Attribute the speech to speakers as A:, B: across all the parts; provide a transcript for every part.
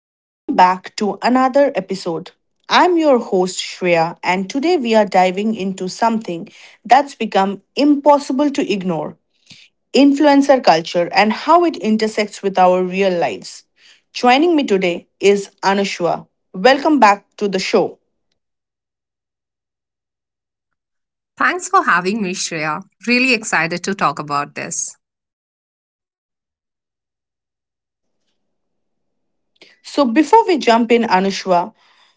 A: Welcome back to another episode. I'm your host Shreya, and today we are diving into something that's become impossible to ignore, influencer culture and how it intersects with our real lives. Joining me today is Anushwa. Welcome back to the show.
B: Thanks for having me, Shreya. Really excited to talk about this.
A: So, before we jump in, Anushwa,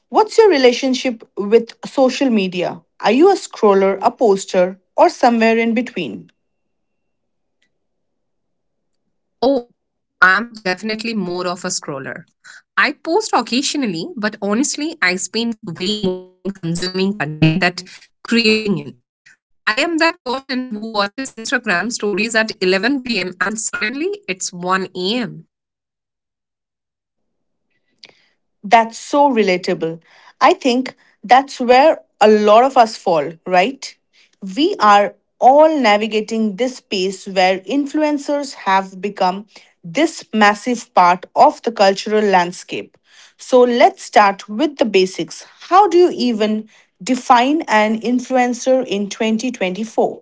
A: what's your relationship with social media? Are you a scroller, a poster, or somewhere in between?
B: Oh, I'm definitely more of a scroller. I post occasionally, but honestly, I spend way more time consuming content than creating it. I am that person who watches Instagram stories at 11 p.m. and suddenly it's 1 am.
A: That's so relatable. I think that's where a lot of us fall, right? We are all navigating this space where influencers have become this massive part of the cultural landscape. So let's start with the basics. How do you even define an influencer in 2024?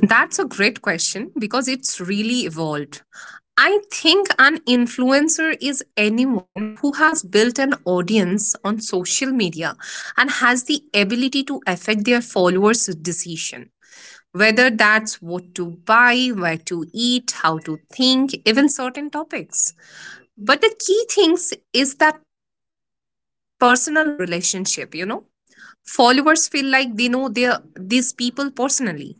B: That's a great question because it's really evolved. I think an influencer is anyone who has built an audience on social media and has the ability to affect their followers' decision. Whether that's what to buy, where to eat, how to think, even certain topics. But the key things is that personal relationship, you know? Followers feel like they know their these people personally.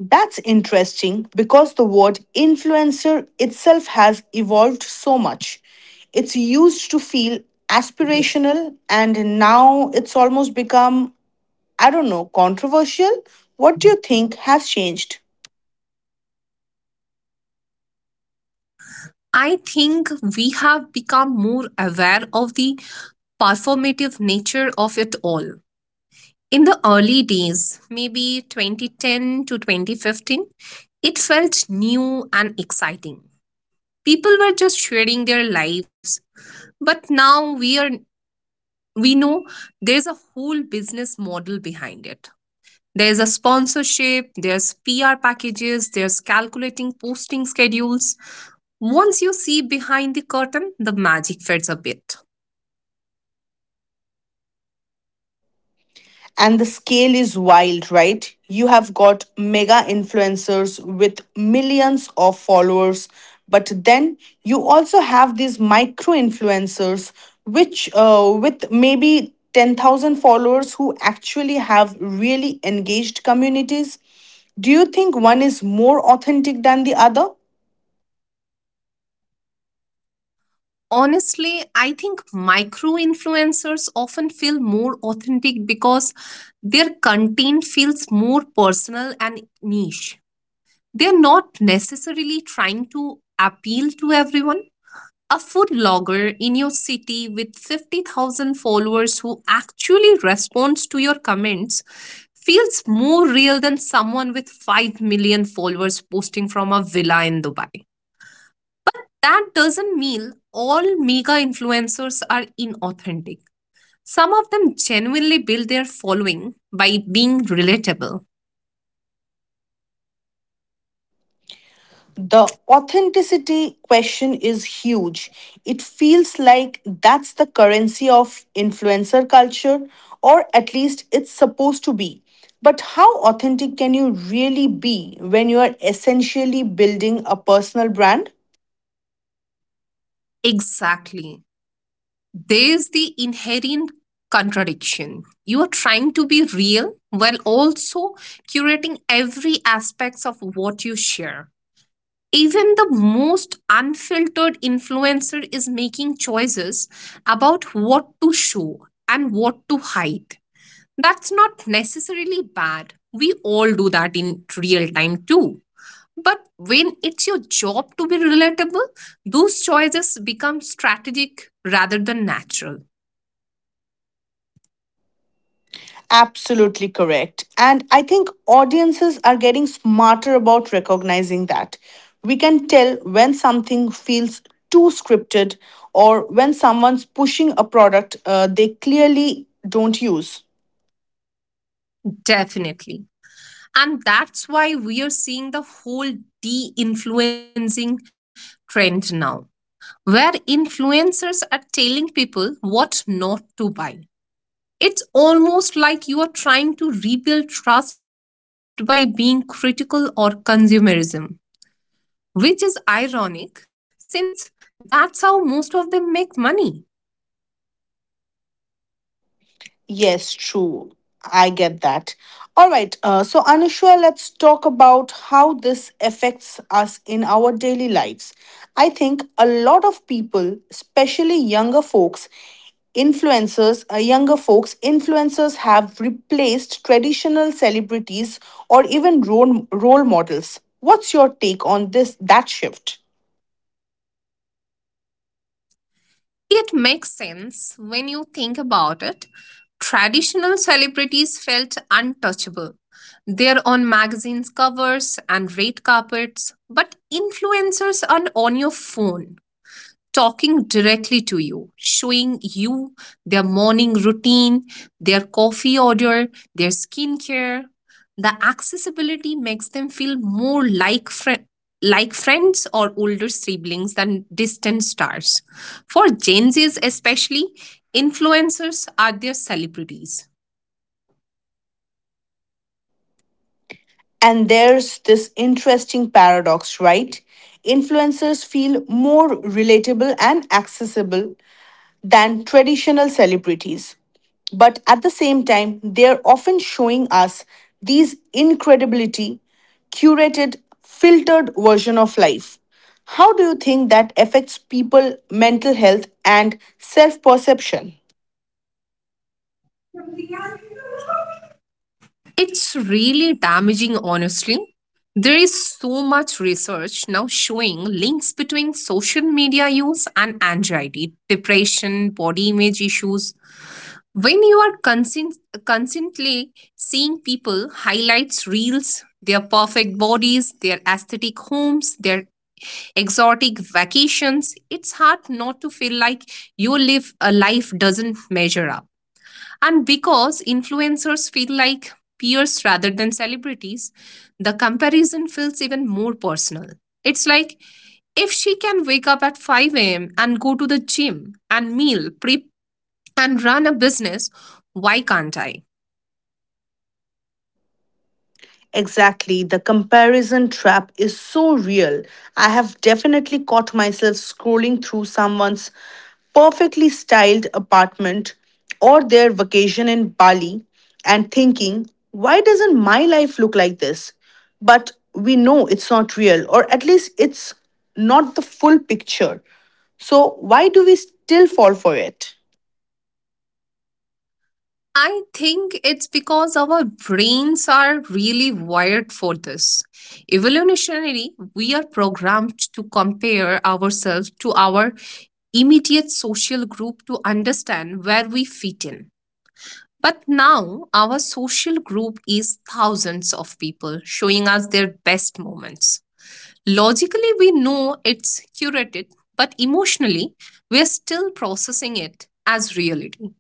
A: That's interesting because the word influencer itself has evolved so much. It's used to feel aspirational and now it's almost become, I don't know, controversial. What do you think has changed?
B: I think we have become more aware of the performative nature of it all. In the early days, maybe 2010 to 2015, it felt new and exciting. People were just sharing their lives, but now we know there's a whole business model behind it. There's a sponsorship, there's PR packages, there's calculating posting schedules. Once you see behind the curtain, the magic fades a bit.
A: And the scale is wild, right? You have got mega influencers with millions of followers, but then you also have these micro influencers, which with maybe 10,000 followers who actually have really engaged communities. Do you think one is more authentic than the other?
B: Honestly, I think micro influencers often feel more authentic because their content feels more personal and niche. They're not necessarily trying to appeal to everyone. A food blogger in your city with 50,000 followers who actually responds to your comments feels more real than someone with 5 million followers posting from a villa in Dubai. That doesn't mean all mega influencers are inauthentic. Some of them genuinely build their following by being relatable.
A: The authenticity question is huge. It feels like that's the currency of influencer culture, or at least it's supposed to be. But how authentic can you really be when you are essentially building a personal brand?
B: Exactly. There's the inherent contradiction. You are trying to be real while also curating every aspects of what you share. Even the most unfiltered influencer is making choices about what to show and what to hide. That's not necessarily bad, we all do that in real time too. But when it's your job to be relatable, those choices become strategic rather than natural.
A: Absolutely correct. And I think audiences are getting smarter about recognizing that. We can tell when something feels too scripted or when someone's pushing a product they clearly don't use.
B: Definitely. And that's why we are seeing the whole de influencing trend now, where influencers are telling people what not to buy. It's almost like you are trying to rebuild trust by being critical or consumerism, which is ironic since that's how most of them make money.
A: Yes, true. I get that. All right. So, Anusha, let's talk about how this affects us in our daily lives. I think a lot of people, especially younger folks, influencers have replaced traditional celebrities or even role models. What's your take on this that shift?
B: It makes sense when you think about it. Traditional celebrities felt untouchable. They're on magazines covers and red carpets, but influencers are on your phone talking directly to you, showing you their morning routine, their coffee order, their skincare. The accessibility makes them feel more like like friends or older siblings than distant stars. For Gen Zs especially, influencers are their celebrities.
A: And there's this interesting paradox, right? Influencers feel more relatable and accessible than traditional celebrities. But at the same time, they're often showing us these incredibility, curated, filtered version of life. How do you think that affects people mental health and self-perception?
B: It's really damaging, honestly. There is so much research now showing links between social media use and anxiety, depression, body image issues. When you are constantly seeing people highlights reels, their perfect bodies, their aesthetic homes, their exotic vacations, it's hard not to feel like your live a life doesn't measure up. And because influencers feel like peers rather than celebrities, the comparison feels even more personal. It's like, if she can wake up at 5 a.m. and go to the gym and meal prep and run a business, why can't I?
A: Exactly. The comparison trap is so real. I have definitely caught myself scrolling through someone's perfectly styled apartment or their vacation in Bali and thinking, why doesn't my life look like this? But we know it's not real, or at least it's not the full picture. So, why do we still fall for it?
B: I think it's because our brains are really wired for this. Evolutionary, we are programmed to compare ourselves to our immediate social group to understand where we fit in. But now our social group is thousands of people showing us their best moments. Logically, we know it's curated, but emotionally, we are still processing it as reality.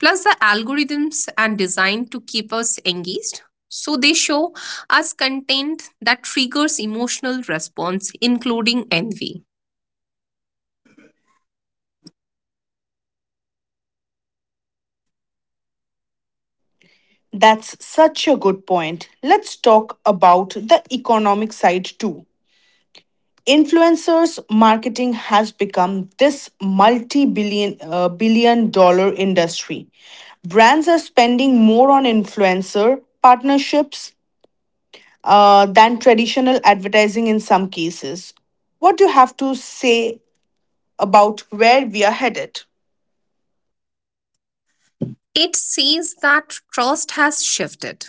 B: Plus, the algorithms are designed to keep us engaged. So, they show us content that triggers emotional response, including envy.
A: That's such a good point. Let's talk about the economic side too. Influencers marketing has become this multi-billion billion-dollar industry. Brands are spending more on influencer partnerships than traditional advertising in some cases. What do you have to say about where we are headed?
B: It says that trust has shifted.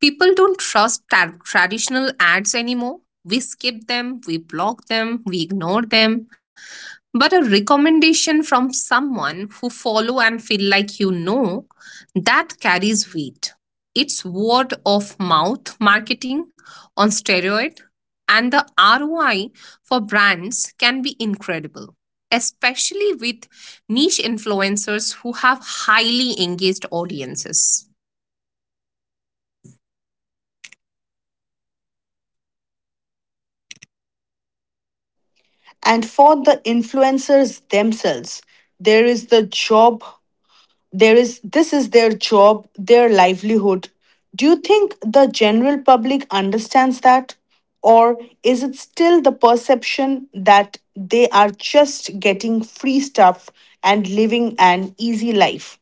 B: People don't trust traditional ads anymore. We skip them, we block them, we ignore them. But a recommendation from someone who follow and feel like you know, that carries weight. It's word of mouth marketing on steroid. And the ROI for brands can be incredible, especially with niche influencers who have highly engaged audiences.
A: And for the influencers themselves, there is the job there is this is their job, their livelihood. Do you think the general public understands that, or is it still the perception that they are just getting free stuff and living an easy life?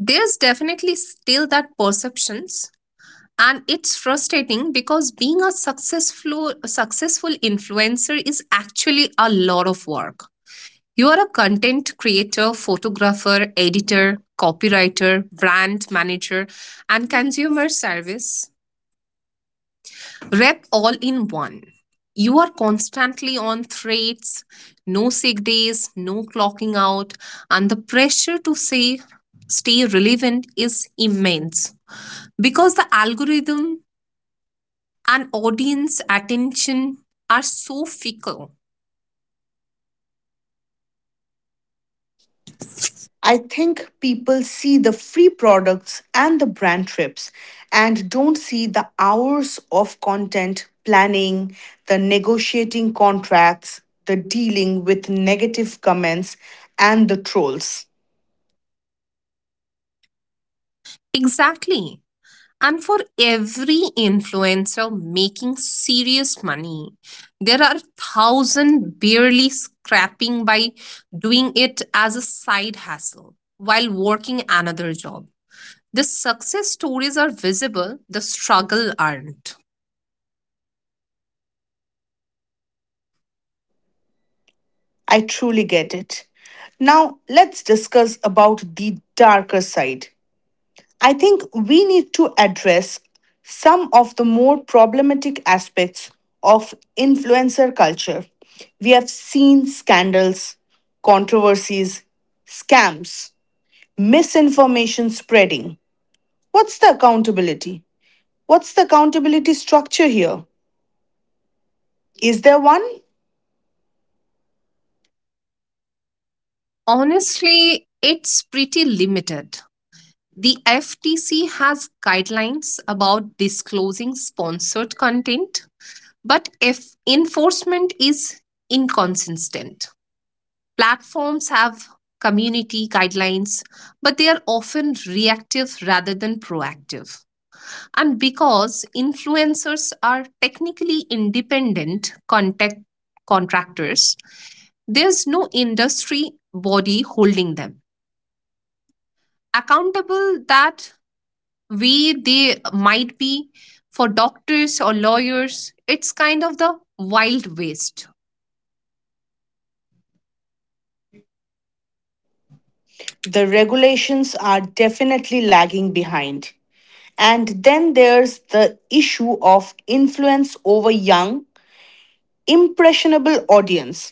B: There's definitely still that perceptions, and it's frustrating because being a successful influencer is actually a lot of work. You are a content creator, photographer, editor, copywriter, brand manager and consumer service rep all in one. You are constantly on threats, no sick days, no clocking out, and the pressure to say stay relevant is immense because the algorithm and audience attention are so fickle.
A: I think people see the free products and the brand trips and don't see the hours of content planning, the negotiating contracts, the dealing with negative comments, and the trolls.
B: Exactly. And for every influencer making serious money, there are thousand barely scrapping by doing it as a side hustle while working another job. The success stories are visible, the struggle aren't.
A: I truly get it. Now, let's discuss about the darker side. I think we need to address some of the more problematic aspects of influencer culture. We have seen scandals, controversies, scams, misinformation spreading. What's the accountability? What's the accountability structure here? Is there one?
B: Honestly, it's pretty limited. The FTC has guidelines about disclosing sponsored content, but if enforcement is inconsistent. Platforms have community guidelines, but they are often reactive rather than proactive. And because influencers are technically independent contact contractors, there's no industry body holding them accountable that way they might be for doctors or lawyers. It's kind of the wild west.
A: The regulations are definitely lagging behind. And then there's the issue of influence over young, impressionable audience.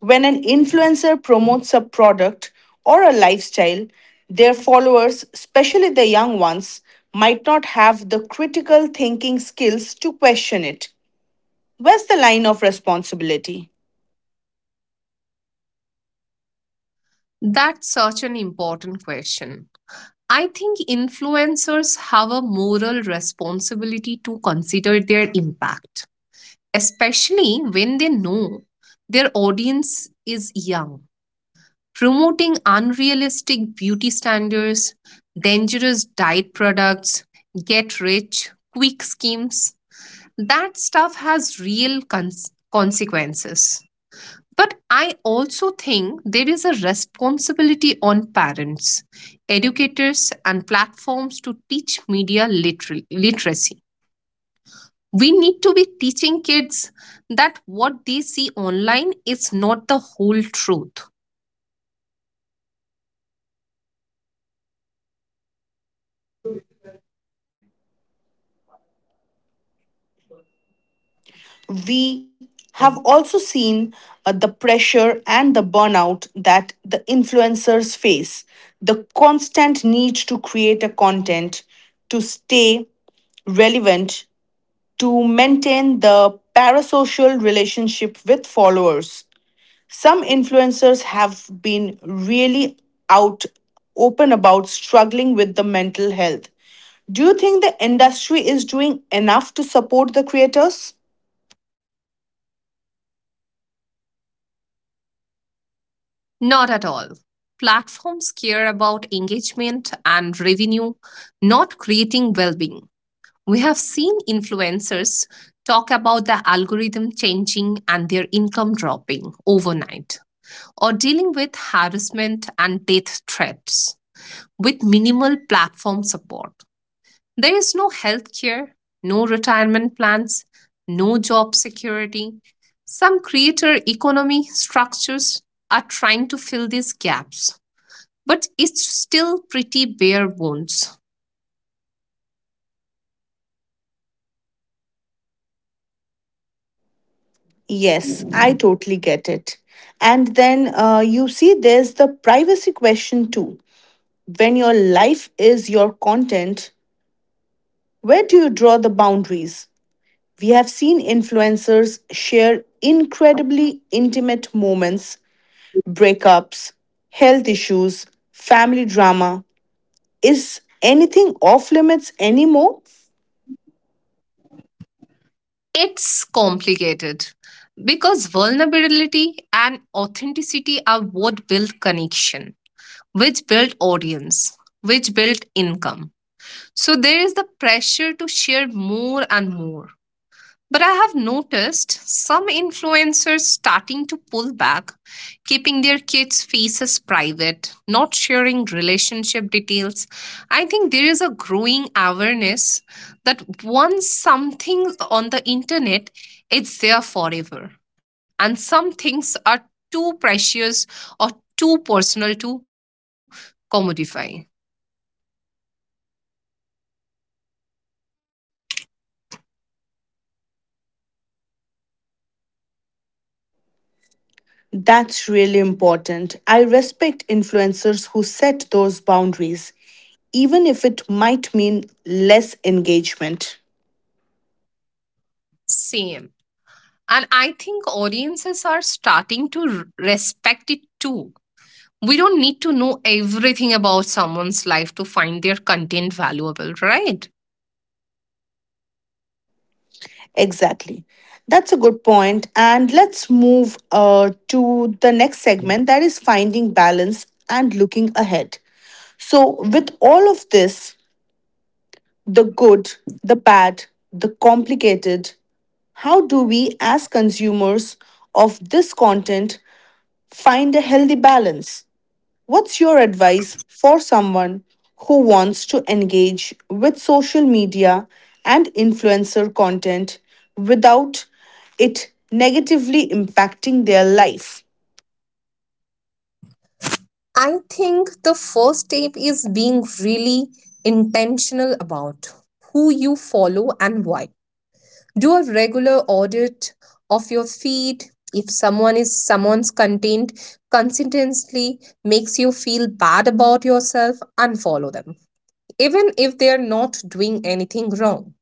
A: When an influencer promotes a product or a lifestyle, their followers, especially the young ones, might not have the critical thinking skills to question it. Where's the line of responsibility?
B: That's such an important question. I think influencers have a moral responsibility to consider their impact, especially when they know their audience is young. Promoting unrealistic beauty standards, dangerous diet products, get rich quick schemes, that stuff has real consequences. But I also think there is a responsibility on parents, educators, and platforms to teach media literacy. We need to be teaching kids that what they see online is not the whole truth.
A: We have also seen the pressure and the burnout that the influencers face, the constant need to create a content, to stay relevant, to maintain the parasocial relationship with followers. Some influencers have been really out open about struggling with the mental health. Do you think the industry is doing enough to support the creators?
B: Not at all. Platforms care about engagement and revenue, not creating well being. We have seen influencers talk about the algorithm changing and their income dropping overnight, or dealing with harassment and death threats with minimal platform support. There is no healthcare, no retirement plans, no job security. Some creator economy structures are trying to fill these gaps, but it's still pretty bare bones.
A: Yes, I totally get it. And then you see, there's the privacy question too. When your life is your content, where do you draw the boundaries? We have seen influencers share incredibly intimate moments, breakups, health issues, family drama. Is anything off limits anymore?
B: It's complicated because vulnerability and authenticity are what build connection, which build audience, which build income. So there is the pressure to share more and more. But I have noticed some influencers starting to pull back, keeping their kids' faces private, not sharing relationship details. I think there is a growing awareness that once something on the internet, it's there forever. And some things are too precious or too personal to commodify.
A: That's really important. I respect influencers who set those boundaries, even if it might mean less engagement.
B: Same. And I think audiences are starting to respect it too. We don't need to know everything about someone's life to find their content valuable, right?
A: Exactly. That's a good point. And let's move to the next segment, that is finding balance and looking ahead. So, with all of this, the good, the bad, the complicated, how do we as consumers of this content find a healthy balance? What's your advice for someone who wants to engage with social media and influencer content without it negatively impacting their life?
B: I think the first step is being really intentional about who you follow and why. Do a regular audit of your feed. If someone's content consistently makes you feel bad about yourself, unfollow them even if they are not doing anything wrong.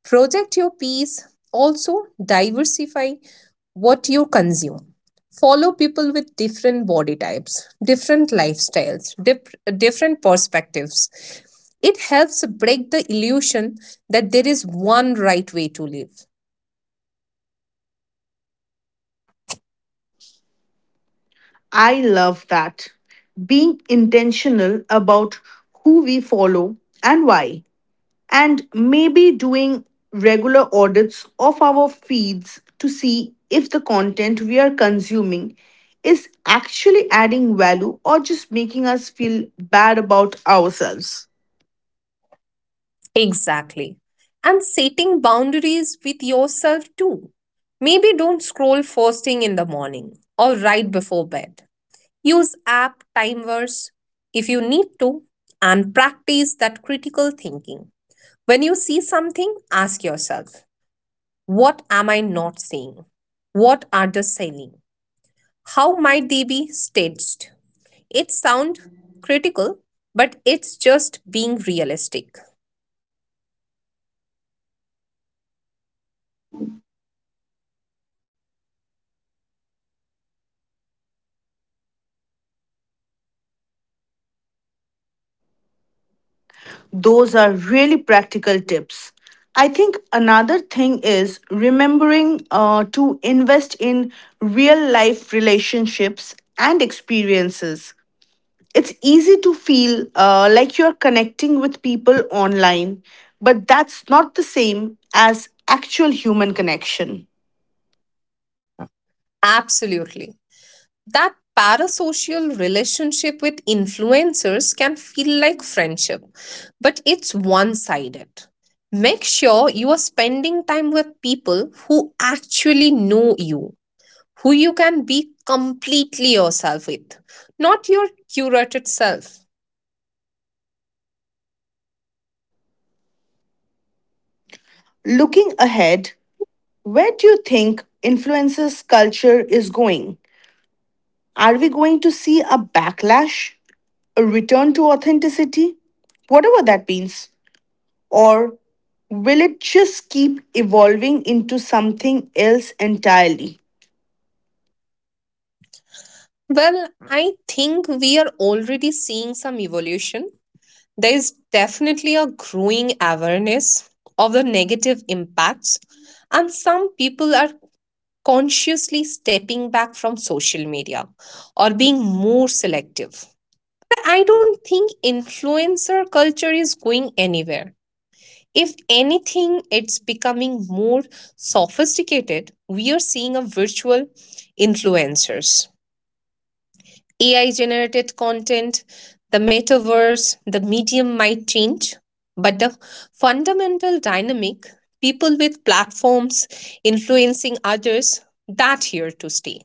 B: Project your peace, also diversify what you consume. Follow people with different body types, different lifestyles, different perspectives. It helps break the illusion that there is one right way to live.
A: I love that. Being intentional about who we follow and why, and maybe doing regular audits of our feeds to see if the content we are consuming is actually adding value or just making us feel bad about ourselves.
B: Exactly. And setting boundaries with yourself too. Maybe don't scroll first thing in the morning or right before bed. Use app timers if you need to, and practice that critical thinking. When you see something, ask yourself, what am I not seeing? What are they selling? How might they be staged? It sounds critical, but it's just being realistic.
A: Those are really practical tips. I think another thing is remembering to invest in real life relationships and experiences. It's easy to feel like you're connecting with people online, but that's not the same as actual human connection.
B: Absolutely. That parasocial relationship with influencers can feel like friendship, but it's one sided. Make sure you are spending time with people who actually know you, who you can be completely yourself with, not your curated self.
A: Looking ahead, where do you think influencers culture is going? Are we going to see a backlash, a return to authenticity, whatever that means? Or will it just keep evolving into something else entirely?
B: Well, I think we are already seeing some evolution. There is definitely a growing awareness of the negative impacts and some people are consciously stepping back from social media or being more selective. I don't think influencer culture is going anywhere. If anything, it's becoming more sophisticated. We are seeing a virtual influencers. AI generated content, the metaverse, the medium might change, but the fundamental dynamic, people with platforms influencing others, that here to stay.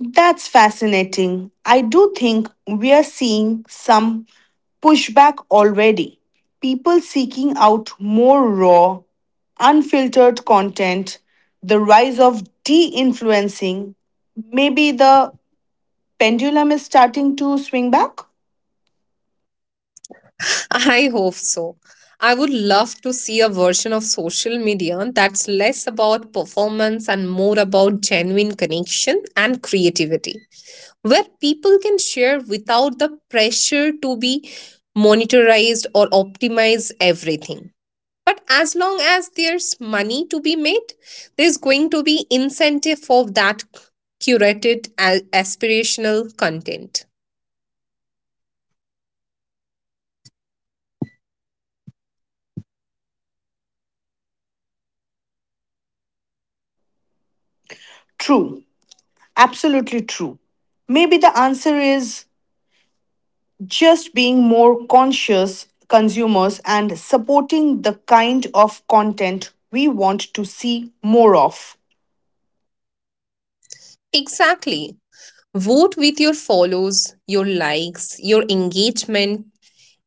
A: That's fascinating. I do think we're seeing some pushback already. People seeking out more raw, unfiltered content, the rise of de influencing, maybe the pendulum is starting to swing back?
B: I hope so. I would love to see a version of social media that's less about performance and more about genuine connection and creativity, where people can share without the pressure to be monetized or optimize everything. But as long as there's money to be made, there's going to be incentive for that curated aspirational content.
A: True, absolutely true. Maybe the answer is just being more conscious consumers and supporting the kind of content we want to see more of.
B: Exactly. Vote with your follows, your likes, your engagement.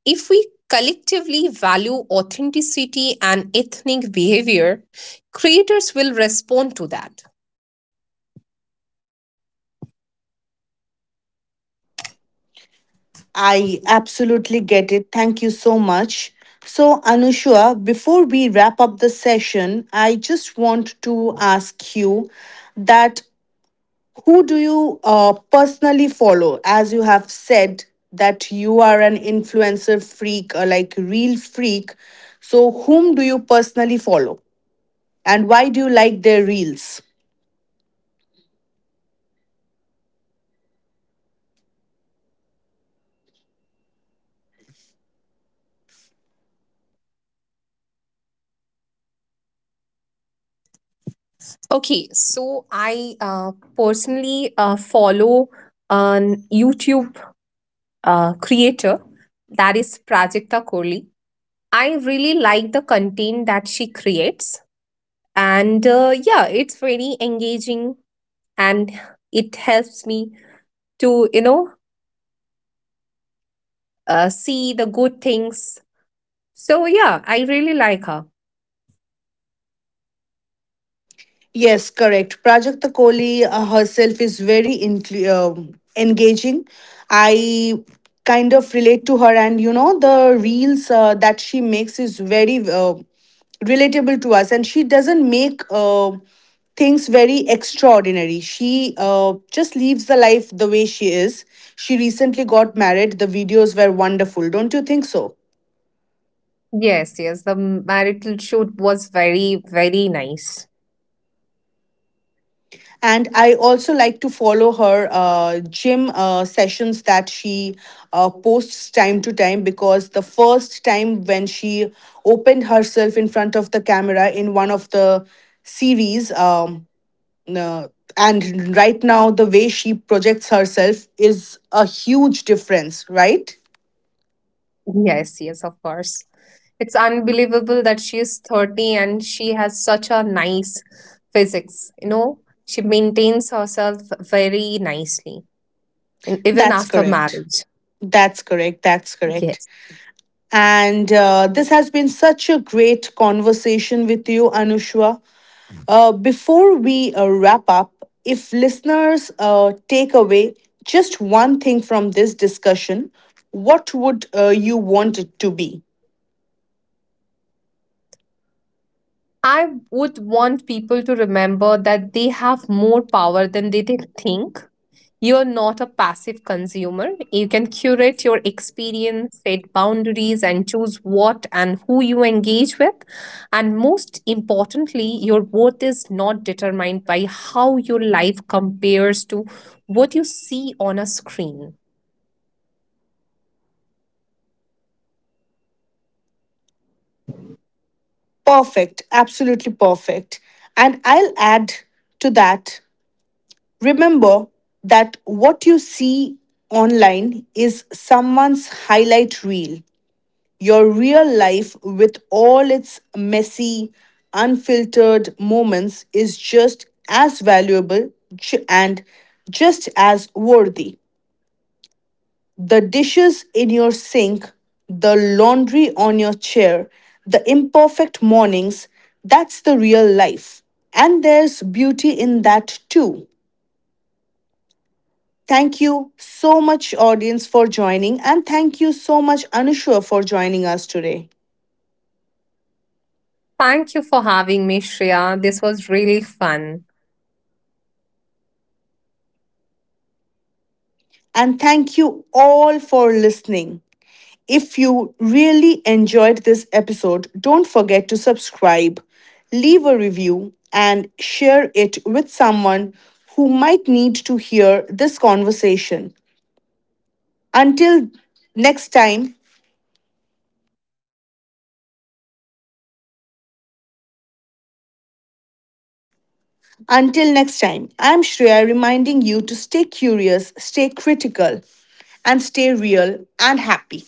B: If we collectively value authenticity and ethnic behavior, creators will respond to that.
A: I absolutely get it. Thank you so much. So, Anushua, before we wrap up the session, I just want to ask you that who do you personally follow? As you have said that you are an influencer freak, or like real freak. So, whom do you personally follow? And why do you like their reels?
B: Okay, so I personally follow an YouTube creator, that is Prajakta Kohli. I really like the content that she creates, and yeah, it's very engaging and it helps me to see the good things. So yeah, I really like her.
A: Yes, correct. Prajakta Kohli herself is very engaging. I kind of relate to her, and you know, the reels that she makes is very relatable to us, and she doesn't make. Things very extraordinary. She just lives the life the way she is. She recently got married. The videos were wonderful. Don't you think so?
B: Yes, yes, the marital shoot was very very nice.
A: And I also like to follow her gym sessions that she posts time to time, because the first time when she opened herself in front of the camera in one of the series, uh, and right now the way she projects herself is a huge difference, right?
B: Yes, yes, of course. It's unbelievable that she is 30 and she has such a nice physics, you know. She maintains herself very nicely, and even
A: That's
B: after
A: correct.
B: marriage.
A: That's
B: Yes.
A: correct. And this has been such a great conversation with you, Anushwa. Before we wrap up, if listeners take away just one thing from this discussion, what would you want it to be?
B: I would want people to remember that they have more power than they think. You're not a passive consumer. You can curate your experience, set boundaries, and choose what and who you engage with. And most importantly, your worth is not determined by how your life compares to what you see on a screen.
A: Perfect, absolutely perfect. And I'll add to that, remember that what you see online is someone's highlight reel. Your real life with all its messy, unfiltered moments is just as valuable and just as worthy. The dishes in your sink, the laundry on your chair, the imperfect mornings, that's the real life. And there's beauty in that too. Thank you so much, audience, for joining, and thank you so much, Anushua, for joining us today.
B: Thank you for having me, Shreya. This was really fun.
A: And thank you all for listening. If you really enjoyed this episode, don't forget to subscribe, leave a review, and share it with someone who might need to hear this conversation. Until next time, until next time, I'm Shreya reminding you to stay curious, stay critical, and stay real and happy.